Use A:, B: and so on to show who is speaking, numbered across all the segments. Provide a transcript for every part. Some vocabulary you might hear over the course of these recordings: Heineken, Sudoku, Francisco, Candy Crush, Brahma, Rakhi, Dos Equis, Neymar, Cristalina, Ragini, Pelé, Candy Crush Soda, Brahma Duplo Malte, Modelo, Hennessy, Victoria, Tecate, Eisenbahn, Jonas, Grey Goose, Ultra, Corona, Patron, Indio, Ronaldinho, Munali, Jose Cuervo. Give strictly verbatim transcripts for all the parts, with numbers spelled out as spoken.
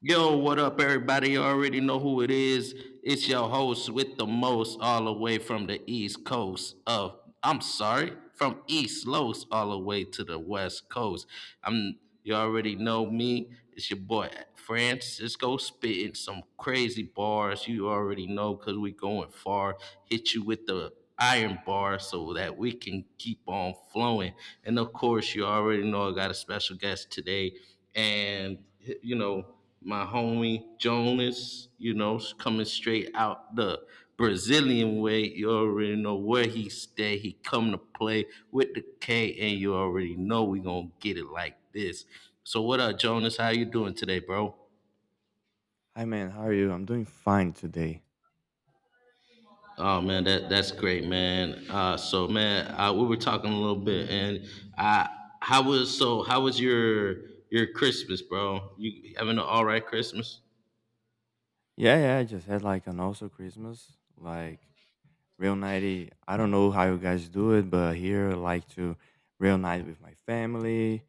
A: Yo, what up, everybody? You already know who it is. It's your host with the most, all the way from the East Coast of, I'm sorry, from East Los all the way to the West Coast. I'm, you already know me. It's your boy Francisco spitting some crazy bars. You already know because we going far. Hit you with the iron bar so that we can keep on flowing. And of course, you already know I got a special guest today, and you know my homie Jonas, you know, coming straight out the Brazilian way. You already know where he stay. He come to play with the K, and you already know we gonna get it like this. So what up, Jonas? How you doing today, bro?
B: Hi man, how are you? I'm doing fine today.
A: Oh man, that that's great, man. Uh, so man, uh, we were talking a little bit, and I how was so how was your your Christmas, bro? You having an all right Christmas?
B: Yeah, yeah, I just had like an also Christmas, like real nighty. I don't know how you guys do it, but here I like to real night with my family.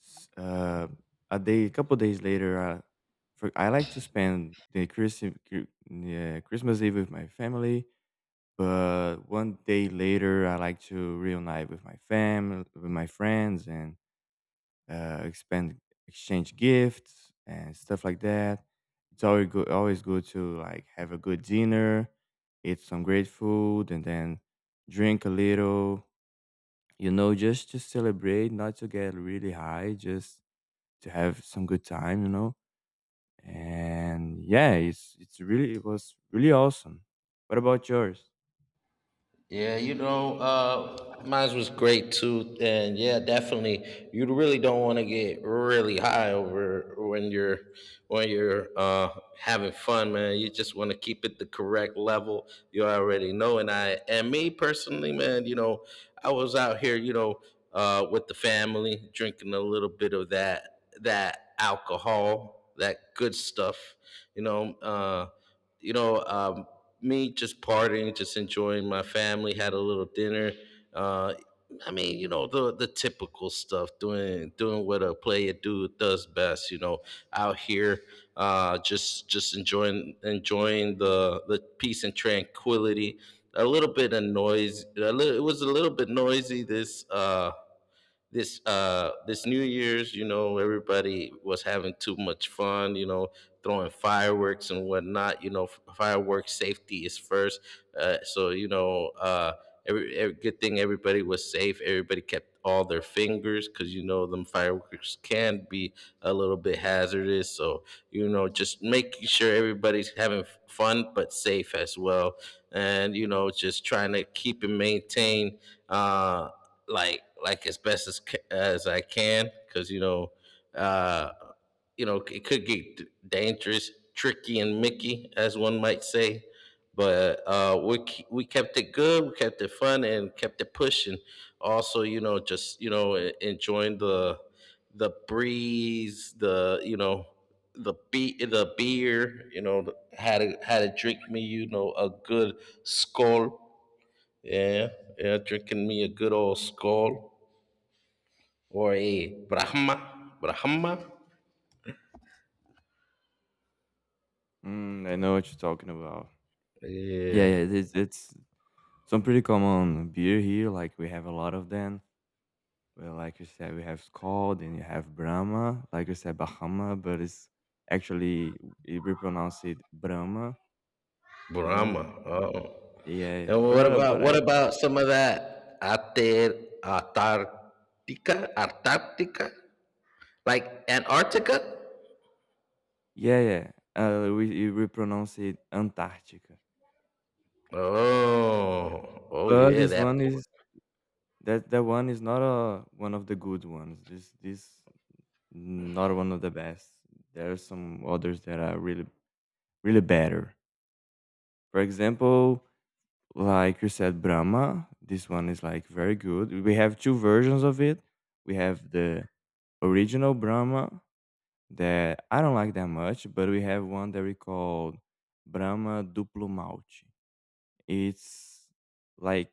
B: S- Uh, a day, a couple days later, uh, for, I like to spend the Christmas, yeah, Christmas Eve with my family. But one day later, I like to reunite with my family, with my friends, and uh, expand exchange gifts and stuff like that. It's always good always good to like have a good dinner, eat some great food, and then drink a little. You know, just to celebrate, not to get really high, just to have some good time. You know, and yeah, it's it's really it was really awesome. What about yours?
A: Yeah, you know, uh, mine was great too, and yeah, definitely. You really don't want to get really high over when you're when you're uh, having fun, man. You just want to keep it the correct level. You already know, and I and me personally, man. You know, I was out here, you know, uh, with the family, drinking a little bit of that that alcohol, that good stuff. You know, uh, you know, um, me just partying, just enjoying my family, had a little dinner. Uh, I mean, you know, the the typical stuff, doing doing what a player do does best, you know, out here, uh, just just enjoying enjoying the the peace and tranquility. A little bit of noise. A little, it was a little bit noisy this uh, this uh this New Year's, you know, everybody was having too much fun, you know, throwing fireworks and whatnot. You know, f- fireworks safety is first. Uh, so you know, uh, every, every good thing, everybody was safe. Everybody kept all their fingers because you know them fireworks can be a little bit hazardous. So you know, just making sure everybody's having f- fun but safe as well, and you know, just trying to keep and maintain. Uh, like like as best as as I can because you know uh, you know it could get dangerous, tricky, and Mickey as one might say. But uh, we we kept it good, we kept it fun, and kept it pushing. Also, you know, just you know e- enjoying the the breeze, the you know the be- the beer. You know, had a, had a drink me, you know, a good skull, yeah, yeah, drinking me a good old skull or a Brahma, Brahma.
B: Mm, I know what you're talking about. Yeah,
A: Yeah,
B: yeah, it's, it's some pretty common beer here. Like we have a lot of them. Well, like you said, we have Skol, and you have Brahma, like you said, Bahama, but it's actually it, we pronounce it Brahma, you know?
A: Brahma. Oh,
B: Yeah, yeah.
A: and what
B: But
A: about
B: but
A: what
B: I,
A: about some of that Ater, Antarctica, Antarctica, like Antarctica?
B: yeah, yeah. Uh, we we pronounce it Antarctica.
A: Oh, oh
B: But
A: yeah,
B: this
A: that
B: one
A: port.
B: is that that one is not a one of the good ones. This this not one of the best. There are some others that are really really better. For example, like you said, Brahma. This one is like very good. We have two versions of it. We have the original Brahma that I don't like that much, but we have one that we call Brahma Duplo Malte. It's like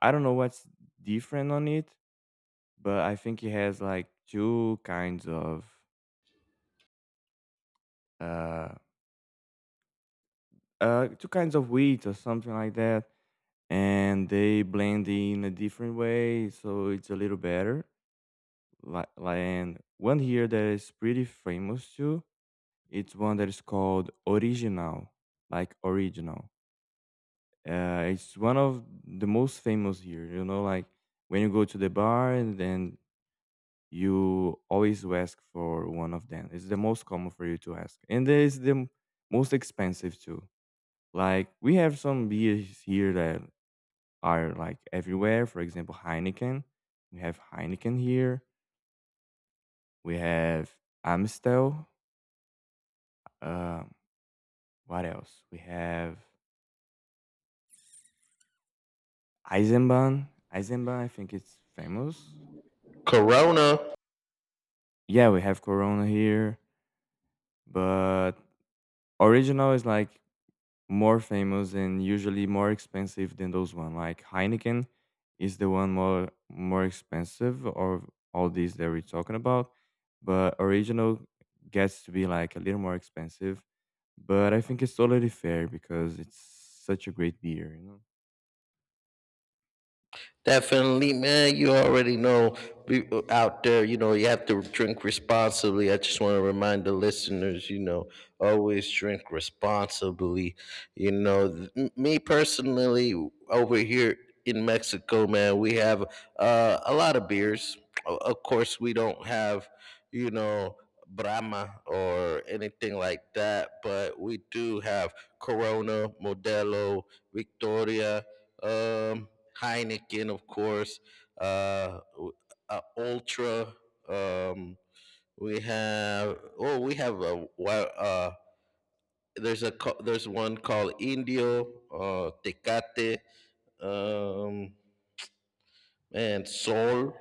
B: I don't know what's different on it, but I think it has like two kinds of uh uh two kinds of wheat or something like that, and they blend in a different way, so it's a little better. Like, and one here that is pretty famous too. It's one that is called Original, like original. Uh, it's one of the most famous here. You know, like when you go to the bar and then you always ask for one of them. It's the most common for you to ask, and it's the m- most expensive too. Like we have some beers here that are like everywhere. For example, Heineken. We have Heineken here. We have Amstel. Um, what else? We have Eisenbahn. Eisenbahn, I think it's famous.
A: Corona.
B: Yeah, we have Corona here, but original is like more famous and usually more expensive than those one. Like Heineken is the one more more expensive of all these that we're talking about, but original gets to be like a little more expensive. But I think it's totally fair because it's such a great beer, you know.
A: Definitely, man. You already know be- out there, you know, you have to drink responsibly. I just want to remind the listeners, you know, always drink responsibly. You know, th- m- me personally, over here in Mexico, man, we have uh, a lot of beers. O- Of course, we don't have, you know, Brahma or anything like that, but we do have Corona, Modelo, Victoria, um, Heineken, of course, uh, w- uh, Ultra. Um, we have oh, we have a wa- uh, there's a co- there's one called Indio, uh, Tecate. Um, Man, soul.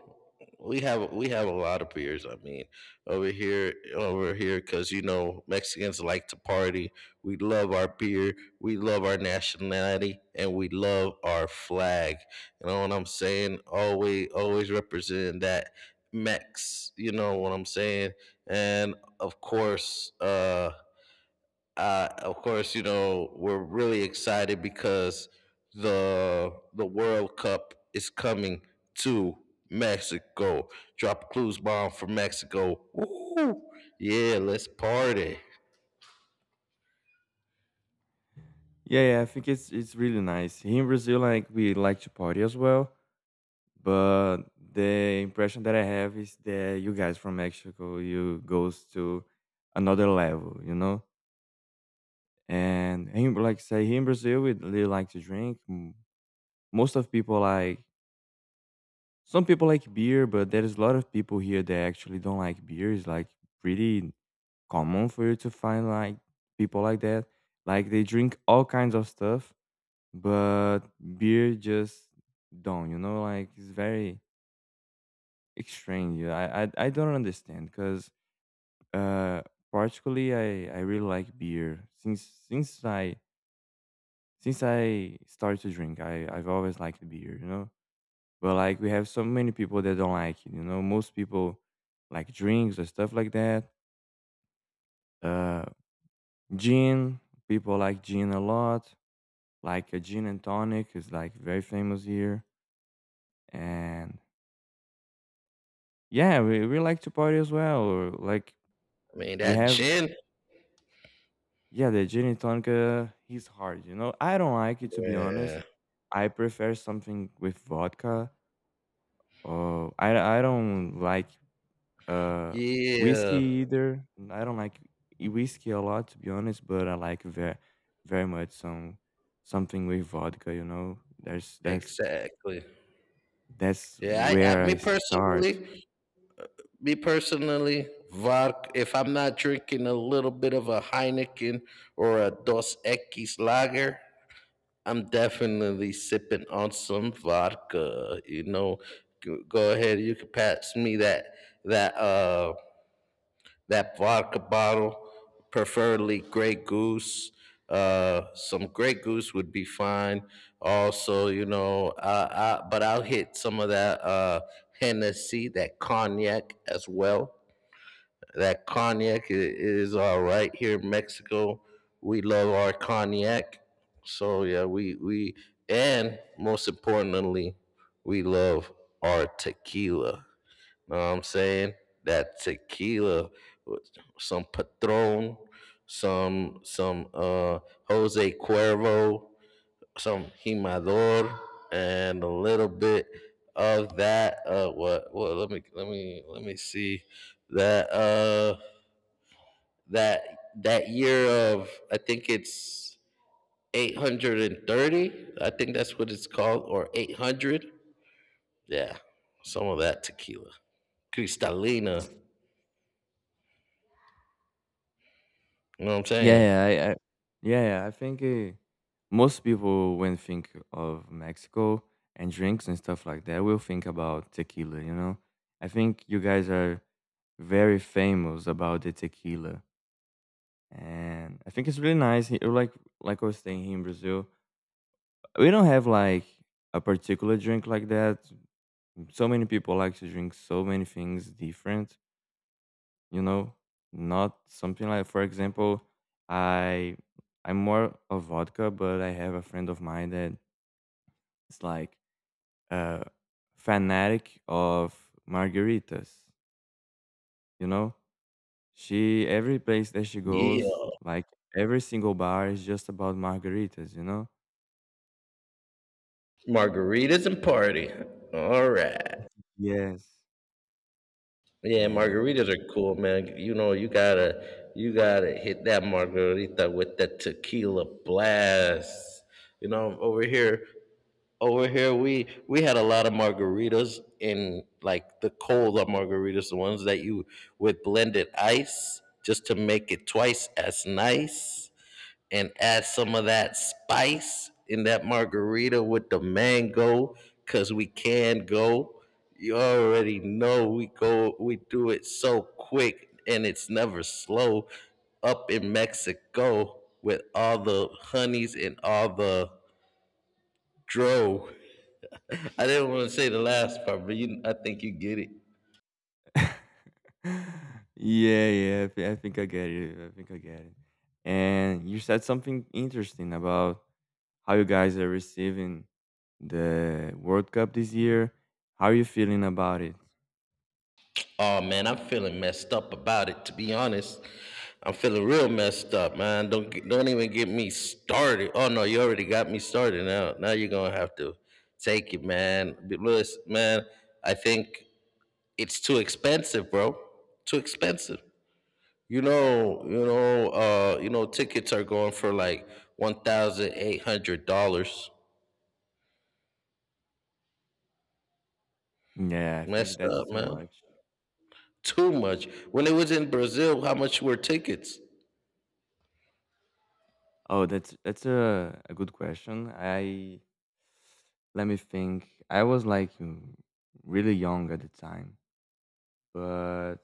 A: We have we have a lot of beers. I mean, over here, over here, because you know Mexicans like to party. We love our beer. We love our nationality, and we love our flag. You know what I'm saying? Always, always representing that Mex. You know what I'm saying? And of course, uh, uh, of course, you know we're really excited because the the World Cup is coming to Mexico. Drop a clues bomb for Mexico. Woo! Yeah, let's party.
B: Yeah, yeah, I think it's it's really nice. Here in Brazil, like we like to party as well, but the impression that I have is that you guys from Mexico, you goes to another level, you know. And here, like say here in Brazil, we really like to drink. M- Most of people like some people like beer, but there is a lot of people here that actually don't like beer. It's like pretty common for you to find like people like that. Like they drink all kinds of stuff, but beer just don't, you know like it's very strange. Yeah, i i, I don't understand because uh particularly i i really like beer since since i since i started to drink. I i've always liked beer. You know but like we have so many people that don't like it. You know most people like drinks or stuff like that. Uh gin, people like gin a lot. Like a gin and tonic is like very famous here, and yeah, we, we like to party as well. Or like
A: I mean
B: we
A: that
B: have,
A: gin.
B: yeah, the gin and tonic. Uh, he's hard, you know. I don't like it to be honest.
A: Yeah,
B: I prefer something with vodka. Or I I don't like uh
A: yeah,
B: whiskey either. And I don't like i- whiskey a lot to be honest, but I like very very much some something with vodka. You know, there's that's
A: exactly.
B: that's
A: Yeah, I, I,
B: where
A: me
B: I start.
A: personally, me personally, vodka. If I'm not drinking a little bit of a Heineken or a Dos Equis lager, I'm definitely sipping on some vodka. You know, G- go ahead. You can pass me that that uh that vodka bottle, preferably Grey Goose. Uh, some Grey Goose would be fine. Also, you know, uh, I, but I'll hit some of that uh Hennessy, that cognac as well. That cognac is all right here in Mexico. We love our cognac. So yeah, we we and most importantly, we love our tequila. Know what I'm saying? That tequila with some Patron, some some uh Jose Cuervo, some Himador, and a little bit of that uh what well, let me let me let me see that uh that that year of I think it's eight hundred thirty. I think that's what it's called, or eight hundred. Yeah, some of that tequila, Cristalina. You know what I'm saying?
B: Yeah, yeah, I, I yeah, yeah, I think uh, most people when think of Mexico and drinks and stuff like that will think about tequila, you know. I think you guys are very famous about the tequila, and I think it's really nice. Here, like like I was saying here in Brazil, we don't have like a particular drink like that. So many people like to drink so many things different, you know not something like, for example, i i'm more of vodka, but I have a friend of mine that is like a fanatic of margaritas, you know, she every place that she
A: Yeah,
B: goes, like every single bar is just about margaritas, you know.
A: margaritas and party. All right.
B: Yes,
A: Yeah,
B: and
A: margaritas are cool, man. You know, you gotta you gotta hit that margarita with that tequila blast. You know, over here, Over here, we we had a lot of margaritas in like the cold margaritas, the ones that you with blended ice just to make it twice as nice, and add some of that spice in that margarita with the mango, cause we can go. You already know we go, we do it so quick, and it's never slow up in Mexico with all the honeys and all the dro. I didn't want to say the last part, but you, I think you get it.
B: yeah, yeah. I, thi- I think I get it. I think I get it. And you said something interesting about how you guys are receiving the World Cup this year. How are you feeling about it?
A: Oh man, I'm feeling messed up about it. To be honest, I'm feeling real messed up, man. Don't get- don't even get me started. Oh no, you already got me started. Now now you're gonna have to take it, man. But Lewis, man, I think it's too expensive, bro. Too expensive. You know, you know, uh, you know, tickets are going for like one thousand eight hundred dollars.
B: Yeah, I think
A: Messed
B: that's
A: up,
B: too
A: man.
B: much.
A: too much. When it was in Brazil, how much were tickets?
B: Oh, that's that's a, a good question. I let me think. I was like mm, really young at the time, but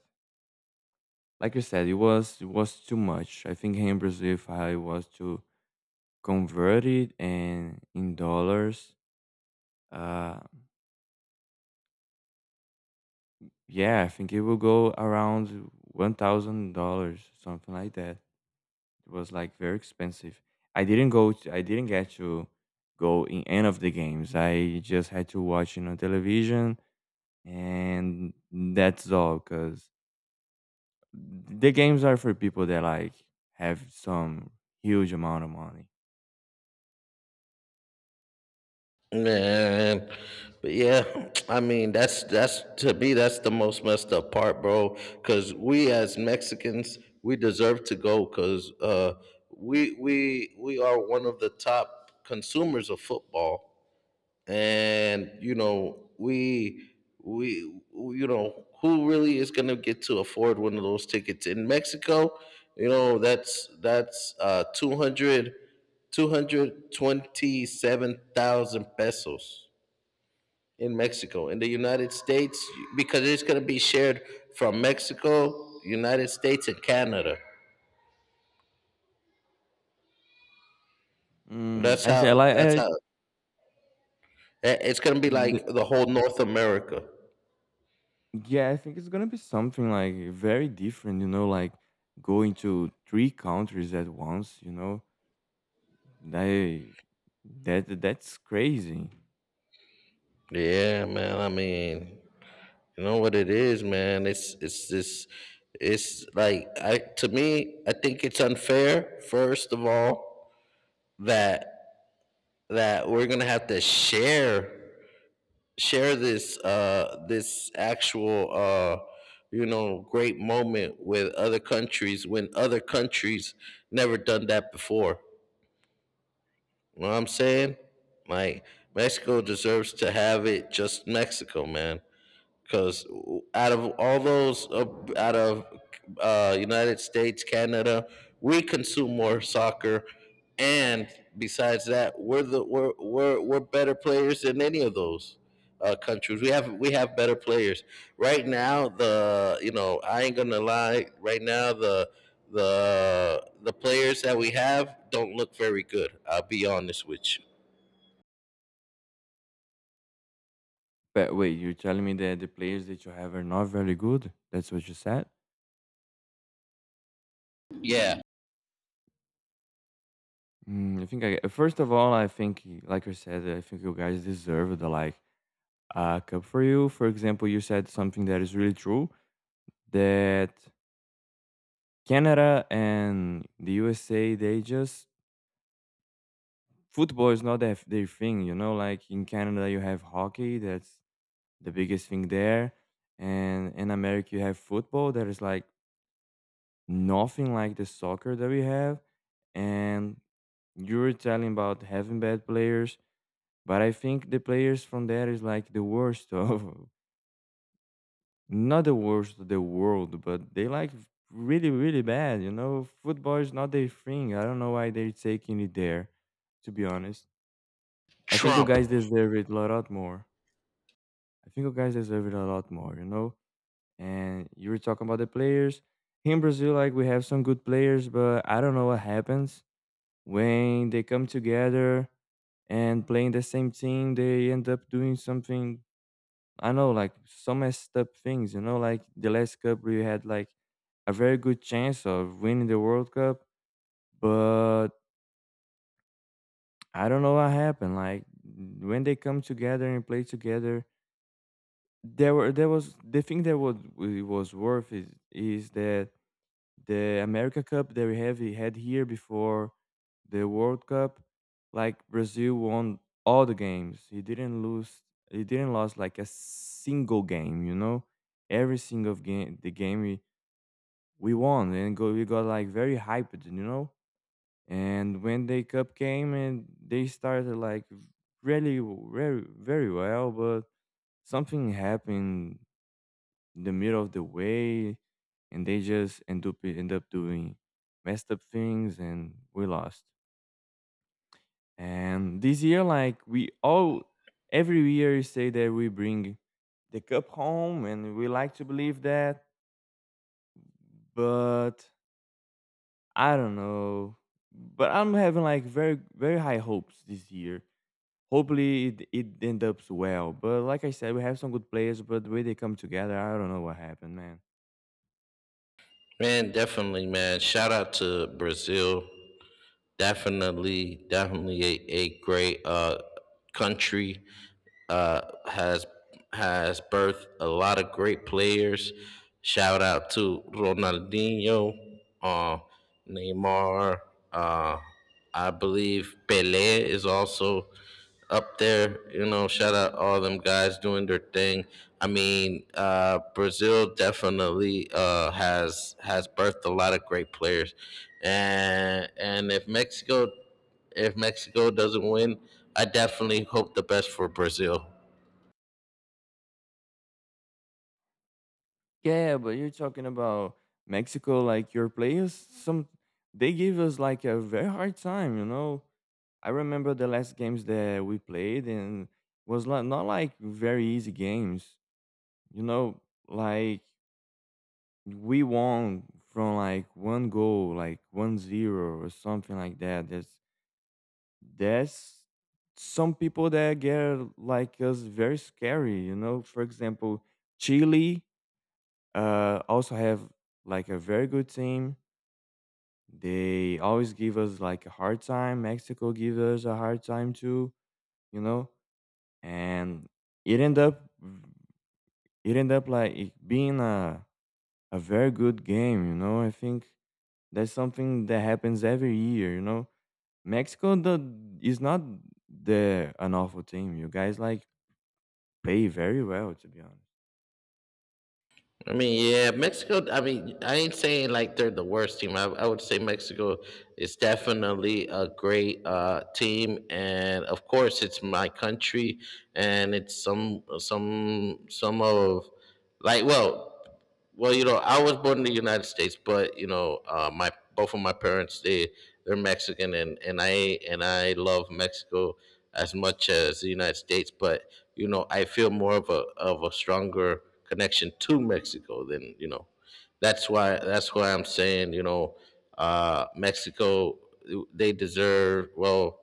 B: like you said, it was it was too much. I think here in Brazil, if I was to converted and in dollars, uh, yeah, I think it will go around one thousand dollars, something like that. It was like very expensive. I didn't go. To, I didn't get to go in any of the games. I just had to watch it on television, and that's all. Cause the games are for people that like have some huge amount of money.
A: Man, but yeah, I mean that's that's to me, that's the most messed up part, bro. Because we as Mexicans, we deserve to go because uh, we we we are one of the top consumers of football. And you know we we you know who really is going to get to afford one of those tickets in Mexico. You know that's that's uh two hundred two hundred twenty seven thousand pesos in Mexico. In the United States, because it's going to be shared from Mexico, United States, and Canada.
B: Mm,
A: That's
B: I
A: how,
B: say
A: that's
B: like,
A: how, eh, it's going to be
B: I.
A: like the whole North America.
B: Yeah, I think it's gonna be something like very different, you know, like going to three countries at once, you know. They that that's crazy.
A: Yeah, man. I mean, you know what it is, man. It's it's this. It's like I to me, I think it's unfair. First of all, that that we're gonna have to share share this uh this actual uh you know great moment with other countries when other countries never done that before. You know what I'm saying? Like Mexico deserves to have it. Just Mexico, man. Because out of all those uh, out of uh, United States, Canada, we consume more soccer, and besides that, we're the we're we're, we're better players than any of those uh, countries. We have we have better players right now. The you know I ain't gonna lie. Right now the the the players that we have don't look very good. I'll be honest with you.
B: But wait, you're telling me that the players that you have are not very good? That's what you said?
A: Yeah,
B: Mm, I think I first of all, I think y- like I said, I think you guys deserve the, like, uh cup for you. For example, you said something that is really true that Canada and the U S A they just football is not their, their thing, you know. Like in Canada, you have hockey, that's the biggest thing there, and in America, you have football that is like nothing like the soccer that we have. And you were telling about having bad players, but I think the players from there is like the worst of not the worst of the world, but they like really really bad. You know, football is not their thing. I don't know why they're taking it there. To be honest, I think you
A: Trump,
B: guys deserve it a lot more. I think you guys deserve it a lot more, you know? And you were talking about the players. Here in Brazil, like we have some good players, but I don't know what happens when they come together and playing the same team, they end up doing something, I know, like some messed up things, you know, like the last cup we had like a very good chance of winning the World Cup, but I don't know what happened. Like when they come together and play together, there were there was the thing that was it was worth is is that the America Cup that we have we had here before the World Cup, like Brazil won all the games. He didn't lose. He didn't lose like a single game. You know, every single game the game we we won and go we got like very hyped. You know, and when the cup came and they started like really w- very very well, but something happened in the middle of the way and they just end up end up doing messed up things, and we lost. And this year like we all every year you say that we bring the cup home and we like to believe that, but I don't know. But I'm having like very very high hopes this year. Hopefully it, it ends up well. But like I said, we have some good players, but the way they come together, I don't know what happened, man.
A: man. Definitely, man. Shout out to Brazil. Definitely, definitely a, a great uh country. Uh, has has birthed a lot of great players. Shout out to Ronaldinho, uh, Neymar. Uh, I believe Pelé is also up there. You know, shout out all them guys doing their thing. I mean, uh, Brazil definitely uh, has has birthed a lot of great players, and and if Mexico if Mexico doesn't win, I definitely hope the best for Brazil.
B: Yeah, but you're talking about Mexico, like your players, some they give us like a very hard time, you know. I remember the last games that we played and was not, not like very easy games. You know, like we won from like one goal, like one zero or something like that. That's that's some people that get like us very scary, you know. For example, Chile, uh, also have like a very good team. They always give us like a hard time. Mexico gives us a hard time too, you know. And it ended up it ended up like it being a a very good game, you know. I think that's something that happens every year, you know. Mexico the, is not the an awful team. You guys like play very well, to be honest.
A: I mean, yeah, Mexico. I mean, I ain't saying like they're the worst team. I, I would say Mexico is definitely a great uh, team, and of course, it's my country, and it's some some some of like well, well, you know, I was born in the United States, but you know, uh, my both of my parents, they they're Mexican, and and I and I love Mexico as much as the United States, but you know, I feel more of a of a stronger connection to Mexico than you know. That's why that's why I'm saying, you know, uh, Mexico they deserve well.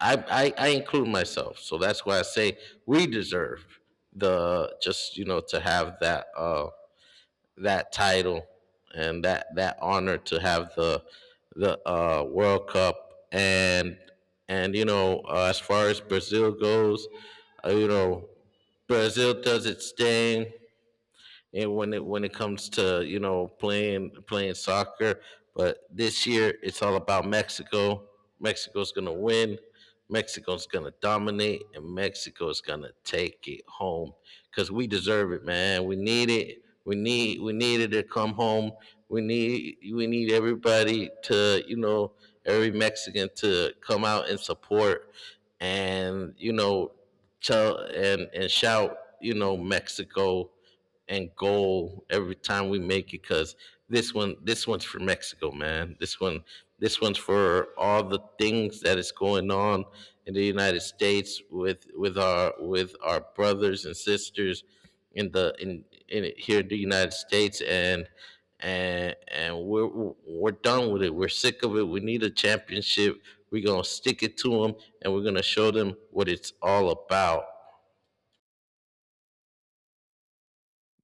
A: I, I I include myself, so that's why I say we deserve the just, you know to have that. Uh, that title and that that honor to have the the uh, World Cup, and and you know uh, as far as Brazil goes, uh, you know Brazil does its thing, and when it when it comes to you know playing playing soccer. But this year, it's all about Mexico. Mexico's gonna win. Mexico's gonna dominate, and Mexico's gonna take it home because we deserve it, man. We need it. We need we needed to come home. We need we need everybody, to you know every Mexican, to come out and support, and you know tell and and shout, you know Mexico, and goal every time we make it. Because this one this one's for Mexico, man. This one this one's for all the things that is going on in the United States, with with our with our brothers and sisters, in the in, in here in the United States. And and and we're we're done with it. We're sick of it. We need a championship. We're gonna stick it to them, and we're gonna show them what it's all about.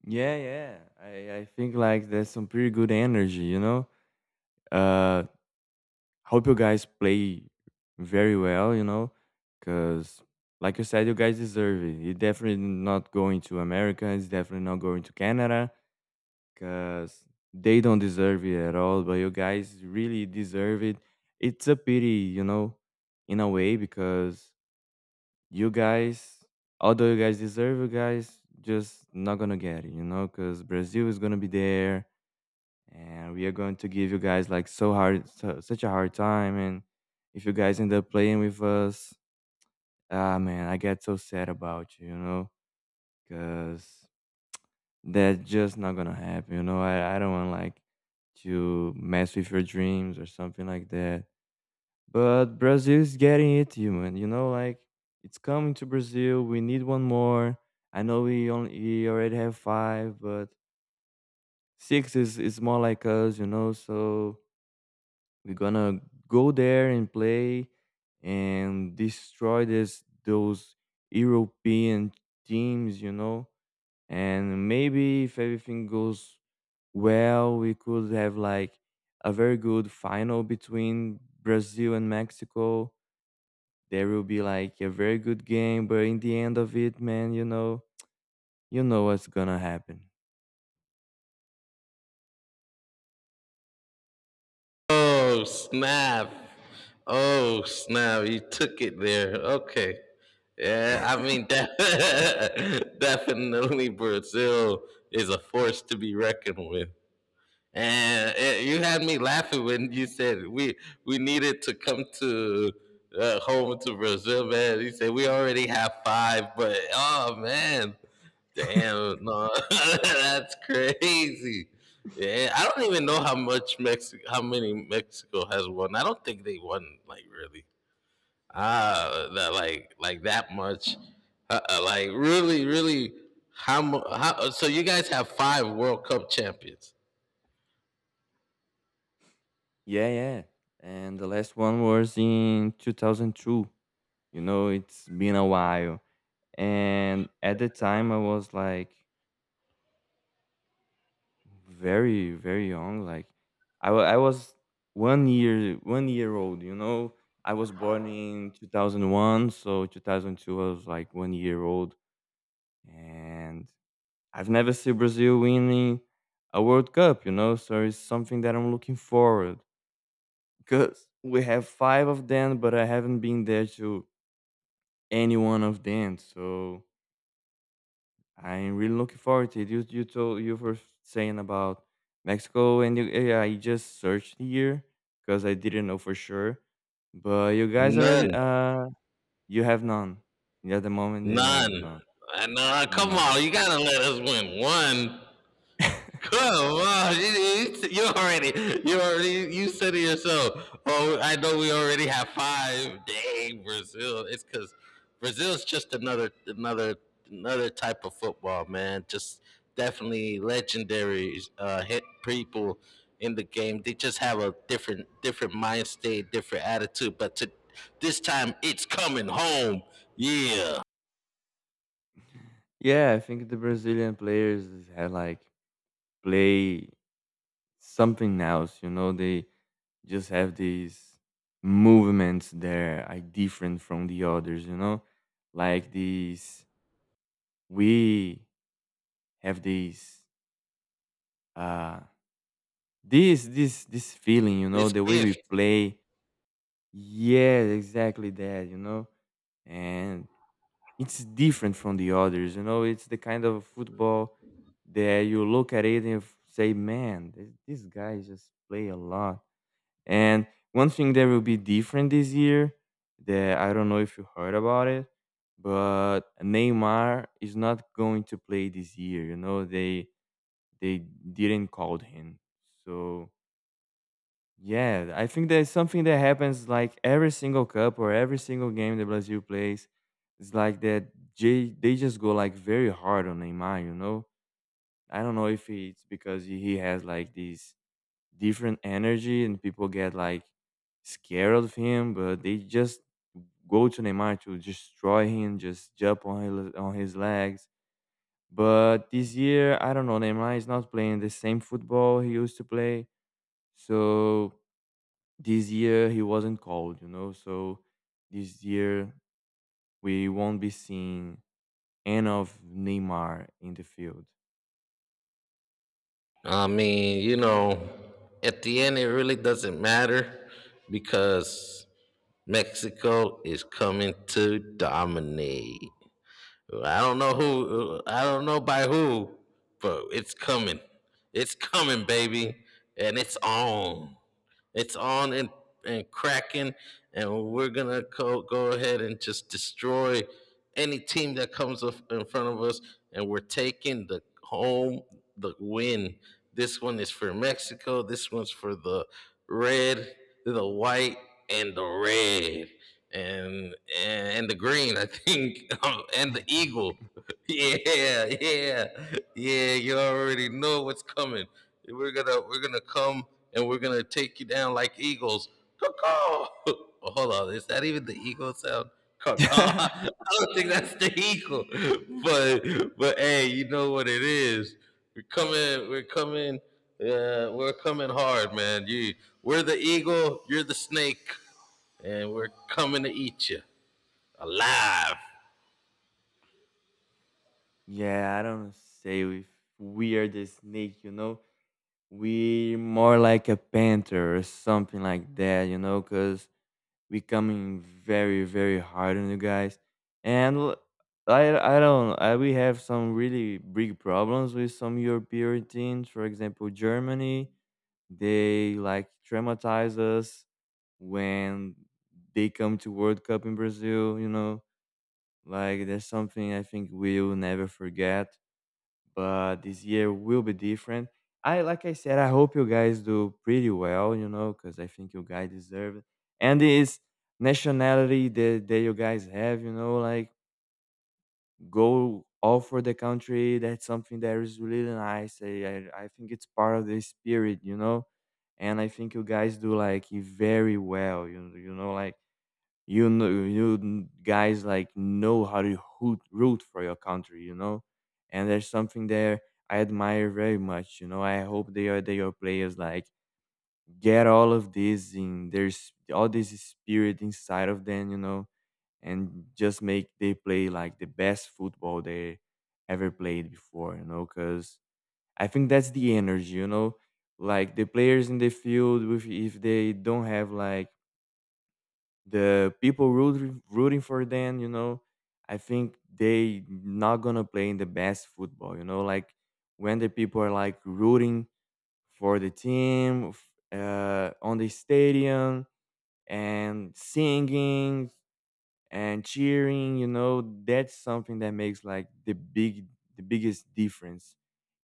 B: Yeah, yeah. I, I think like there's some pretty good energy, you know. Uh, Hope you guys play very well, you know, because like you said, you guys deserve it. It's definitely not going to America. It's definitely not going to Canada because they don't deserve it at all. But you guys really deserve it. It's a pity, you know, in a way because you guys, although you guys deserve, you guys just not gonna get it, you know, because Brazil is gonna be there and we are going to give you guys like so hard so, such a hard time. And if you guys end up playing with us, ah man, I get so sad about you, you know, because that's just not gonna happen, you know. i, I don't want like to mess with your dreams or something like that, but Brazil is getting it human, you know, like it's coming to Brazil. We need one more. I know we only we already have five, but six is is more like us, you know. So we're gonna go there and play and destroy this those European teams, you know. And maybe if everything goes well, we could have like a very good final between Brazil and Mexico. There will be like a very good game, but in the end of it, man, you know, you know what's gonna happen.
A: Oh snap! Oh snap! You took it there. Okay. Yeah, I mean, de- definitely Brazil is a force to be reckoned with. And eh, you had me laughing when you said we we needed to come to uh, home to Brazil, man. You said we already have five, but oh man, damn, no, that's crazy. Yeah, I don't even know how much Mexico, how many Mexico has won. I don't think they won like really, ah, that like like that much, uh, uh, like really, really. How, mu- how? So you guys have five World Cup champions?
B: Yeah, yeah. And the last one was in two thousand two. You know, it's been a while. And at the time I was like very very young, like i, wa- I was one year one year old, you know. I was born in two thousand one, so two thousand two I was like one year old. And I've never seen Brazil winning a World Cup, you know, so it's something that I'm looking forward, because we have five of them, but I haven't been there to any one of them. So I'm really looking forward to it. You you told you were saying about Mexico, and you, yeah, I just searched here because I didn't know for sure. But you guys already,
A: None.
B: uh, you have none. Yeah, at the moment, you have
A: None.
B: none.
A: I know. Come
B: None.
A: on, you gotta let us win one. Come on, you, you, you already, you already, you said it yourself. Oh, I know we already have five. Dang, Brazil! It's because Brazil's just another, another, another type of football, man. Just definitely legendary uh, hit people in the game. They just have a different, different mind state, different attitude. But to, this time, it's coming home. Yeah,
B: Yeah, I think the Brazilian players have like play something else. You know, they just have these movements that are different from the others. You know, like these. We have these uh this this this feeling, you know,
A: this
B: the way we
A: gift.
B: play. Yeah, exactly that, you know. And it's different from the others, you know. It's the kind of football that you look at it and f- say, man, th- these guys just play a lot. And one thing that will be different this year, that I don't know if you heard about it, but Neymar is not going to play this year, you know. They they didn't call him. So yeah, I think there's something that happens like every single cup or every single game that Brazil plays. It's like that they, they just go like very hard on Neymar, you know? I don't know if it's because he he has like this different energy and people get like scared of him, but they just go to Neymar to destroy him, just jump on his, on his legs. But this year, I don't know, Neymar is not playing the same football he used to play. So this year he wasn't called, you know. So this year we won't be seeing end of Neymar in the field.
A: I mean, you know, at the end, it really doesn't matter because Mexico is coming to dominate. I don't know who, I don't know by who, but it's coming. It's coming, baby, and it's on. It's on and, and cracking, and we're gonna go, go ahead and just destroy any team that comes up in front of us, and we're taking the home the win. This one is for Mexico. This one's for the red, the white, and the red, and and, and the green. I think, and the eagle. Yeah, yeah, yeah. You already know what's coming. We're gonna we're gonna come and we're gonna take you down like eagles. Caw-caw. Well, hold on, is that even the eagle sound? Caw-caw. I don't think that's the eagle. But but hey, you know what it is. We're coming. We're coming. Uh, we're coming hard, man. You, we're the eagle. You're the snake, and we're coming to eat you alive.
B: Yeah, I don't say if we are the snake, you know. We more like a panther or something like that, you know, cause becoming very very hard on you guys. And l- I I don't I, we have some really big problems with some European teams, for example Germany. They like traumatize us when they come to World Cup in Brazil, you know. Like there's something I think we'll never forget, but this year will be different. I like I said, I hope you guys do pretty well, you know, because I think you guys deserve it. And this nationality that, that you guys have, you know, like go all for the country. That's something that is really nice. I, I, I think it's part of the spirit, you know. And I think you guys do like it very well, you you know, like you know, you guys like know how to hoot, root for your country, you know, and there's something there I admire very much. You know, I hope they are they are players like get all of this in, there's all this spirit inside of them, you know, and just make they play like the best football they ever played before, you know, because I think that's the energy, you know, like the players in the field, with if they don't have like the people rooting rooting for them, you know, I think they not gonna play in the best football. You know, like when the people are like rooting for the team f- uh, on the stadium and singing and cheering, you know, that's something that makes like the big the biggest difference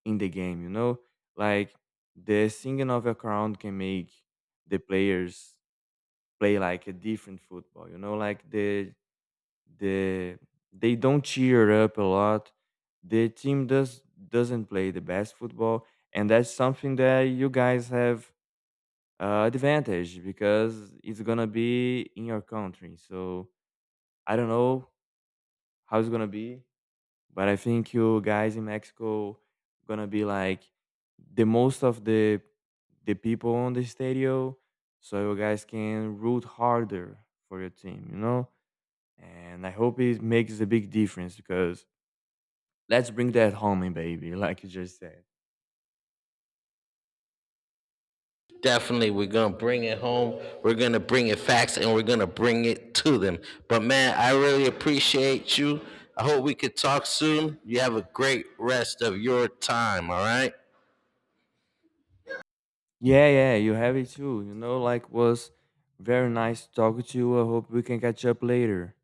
B: in the game. You know, like the singing of a crowd can make the players play like a different football. You know, like the the they don't cheer up a lot. The team does doesn't play the best football, and that's something that you guys have, uh, advantage because it's gonna be in your country. So I don't know how it's gonna be, but I think you guys in Mexico gonna be like the most of the the people on the stadium, so you guys can root harder for your team. You know, and I hope it makes a big difference because let's bring that home, eh, baby, like you just said.
A: Definitely, we're gonna bring it home. We're gonna bring it facts, and we're gonna bring it to them. But man, I really appreciate you. I hope we could talk soon. You have a great rest of your time. All right.
B: Yeah, yeah, you have it too. You know, like was very nice talking to you. I hope we can catch up later.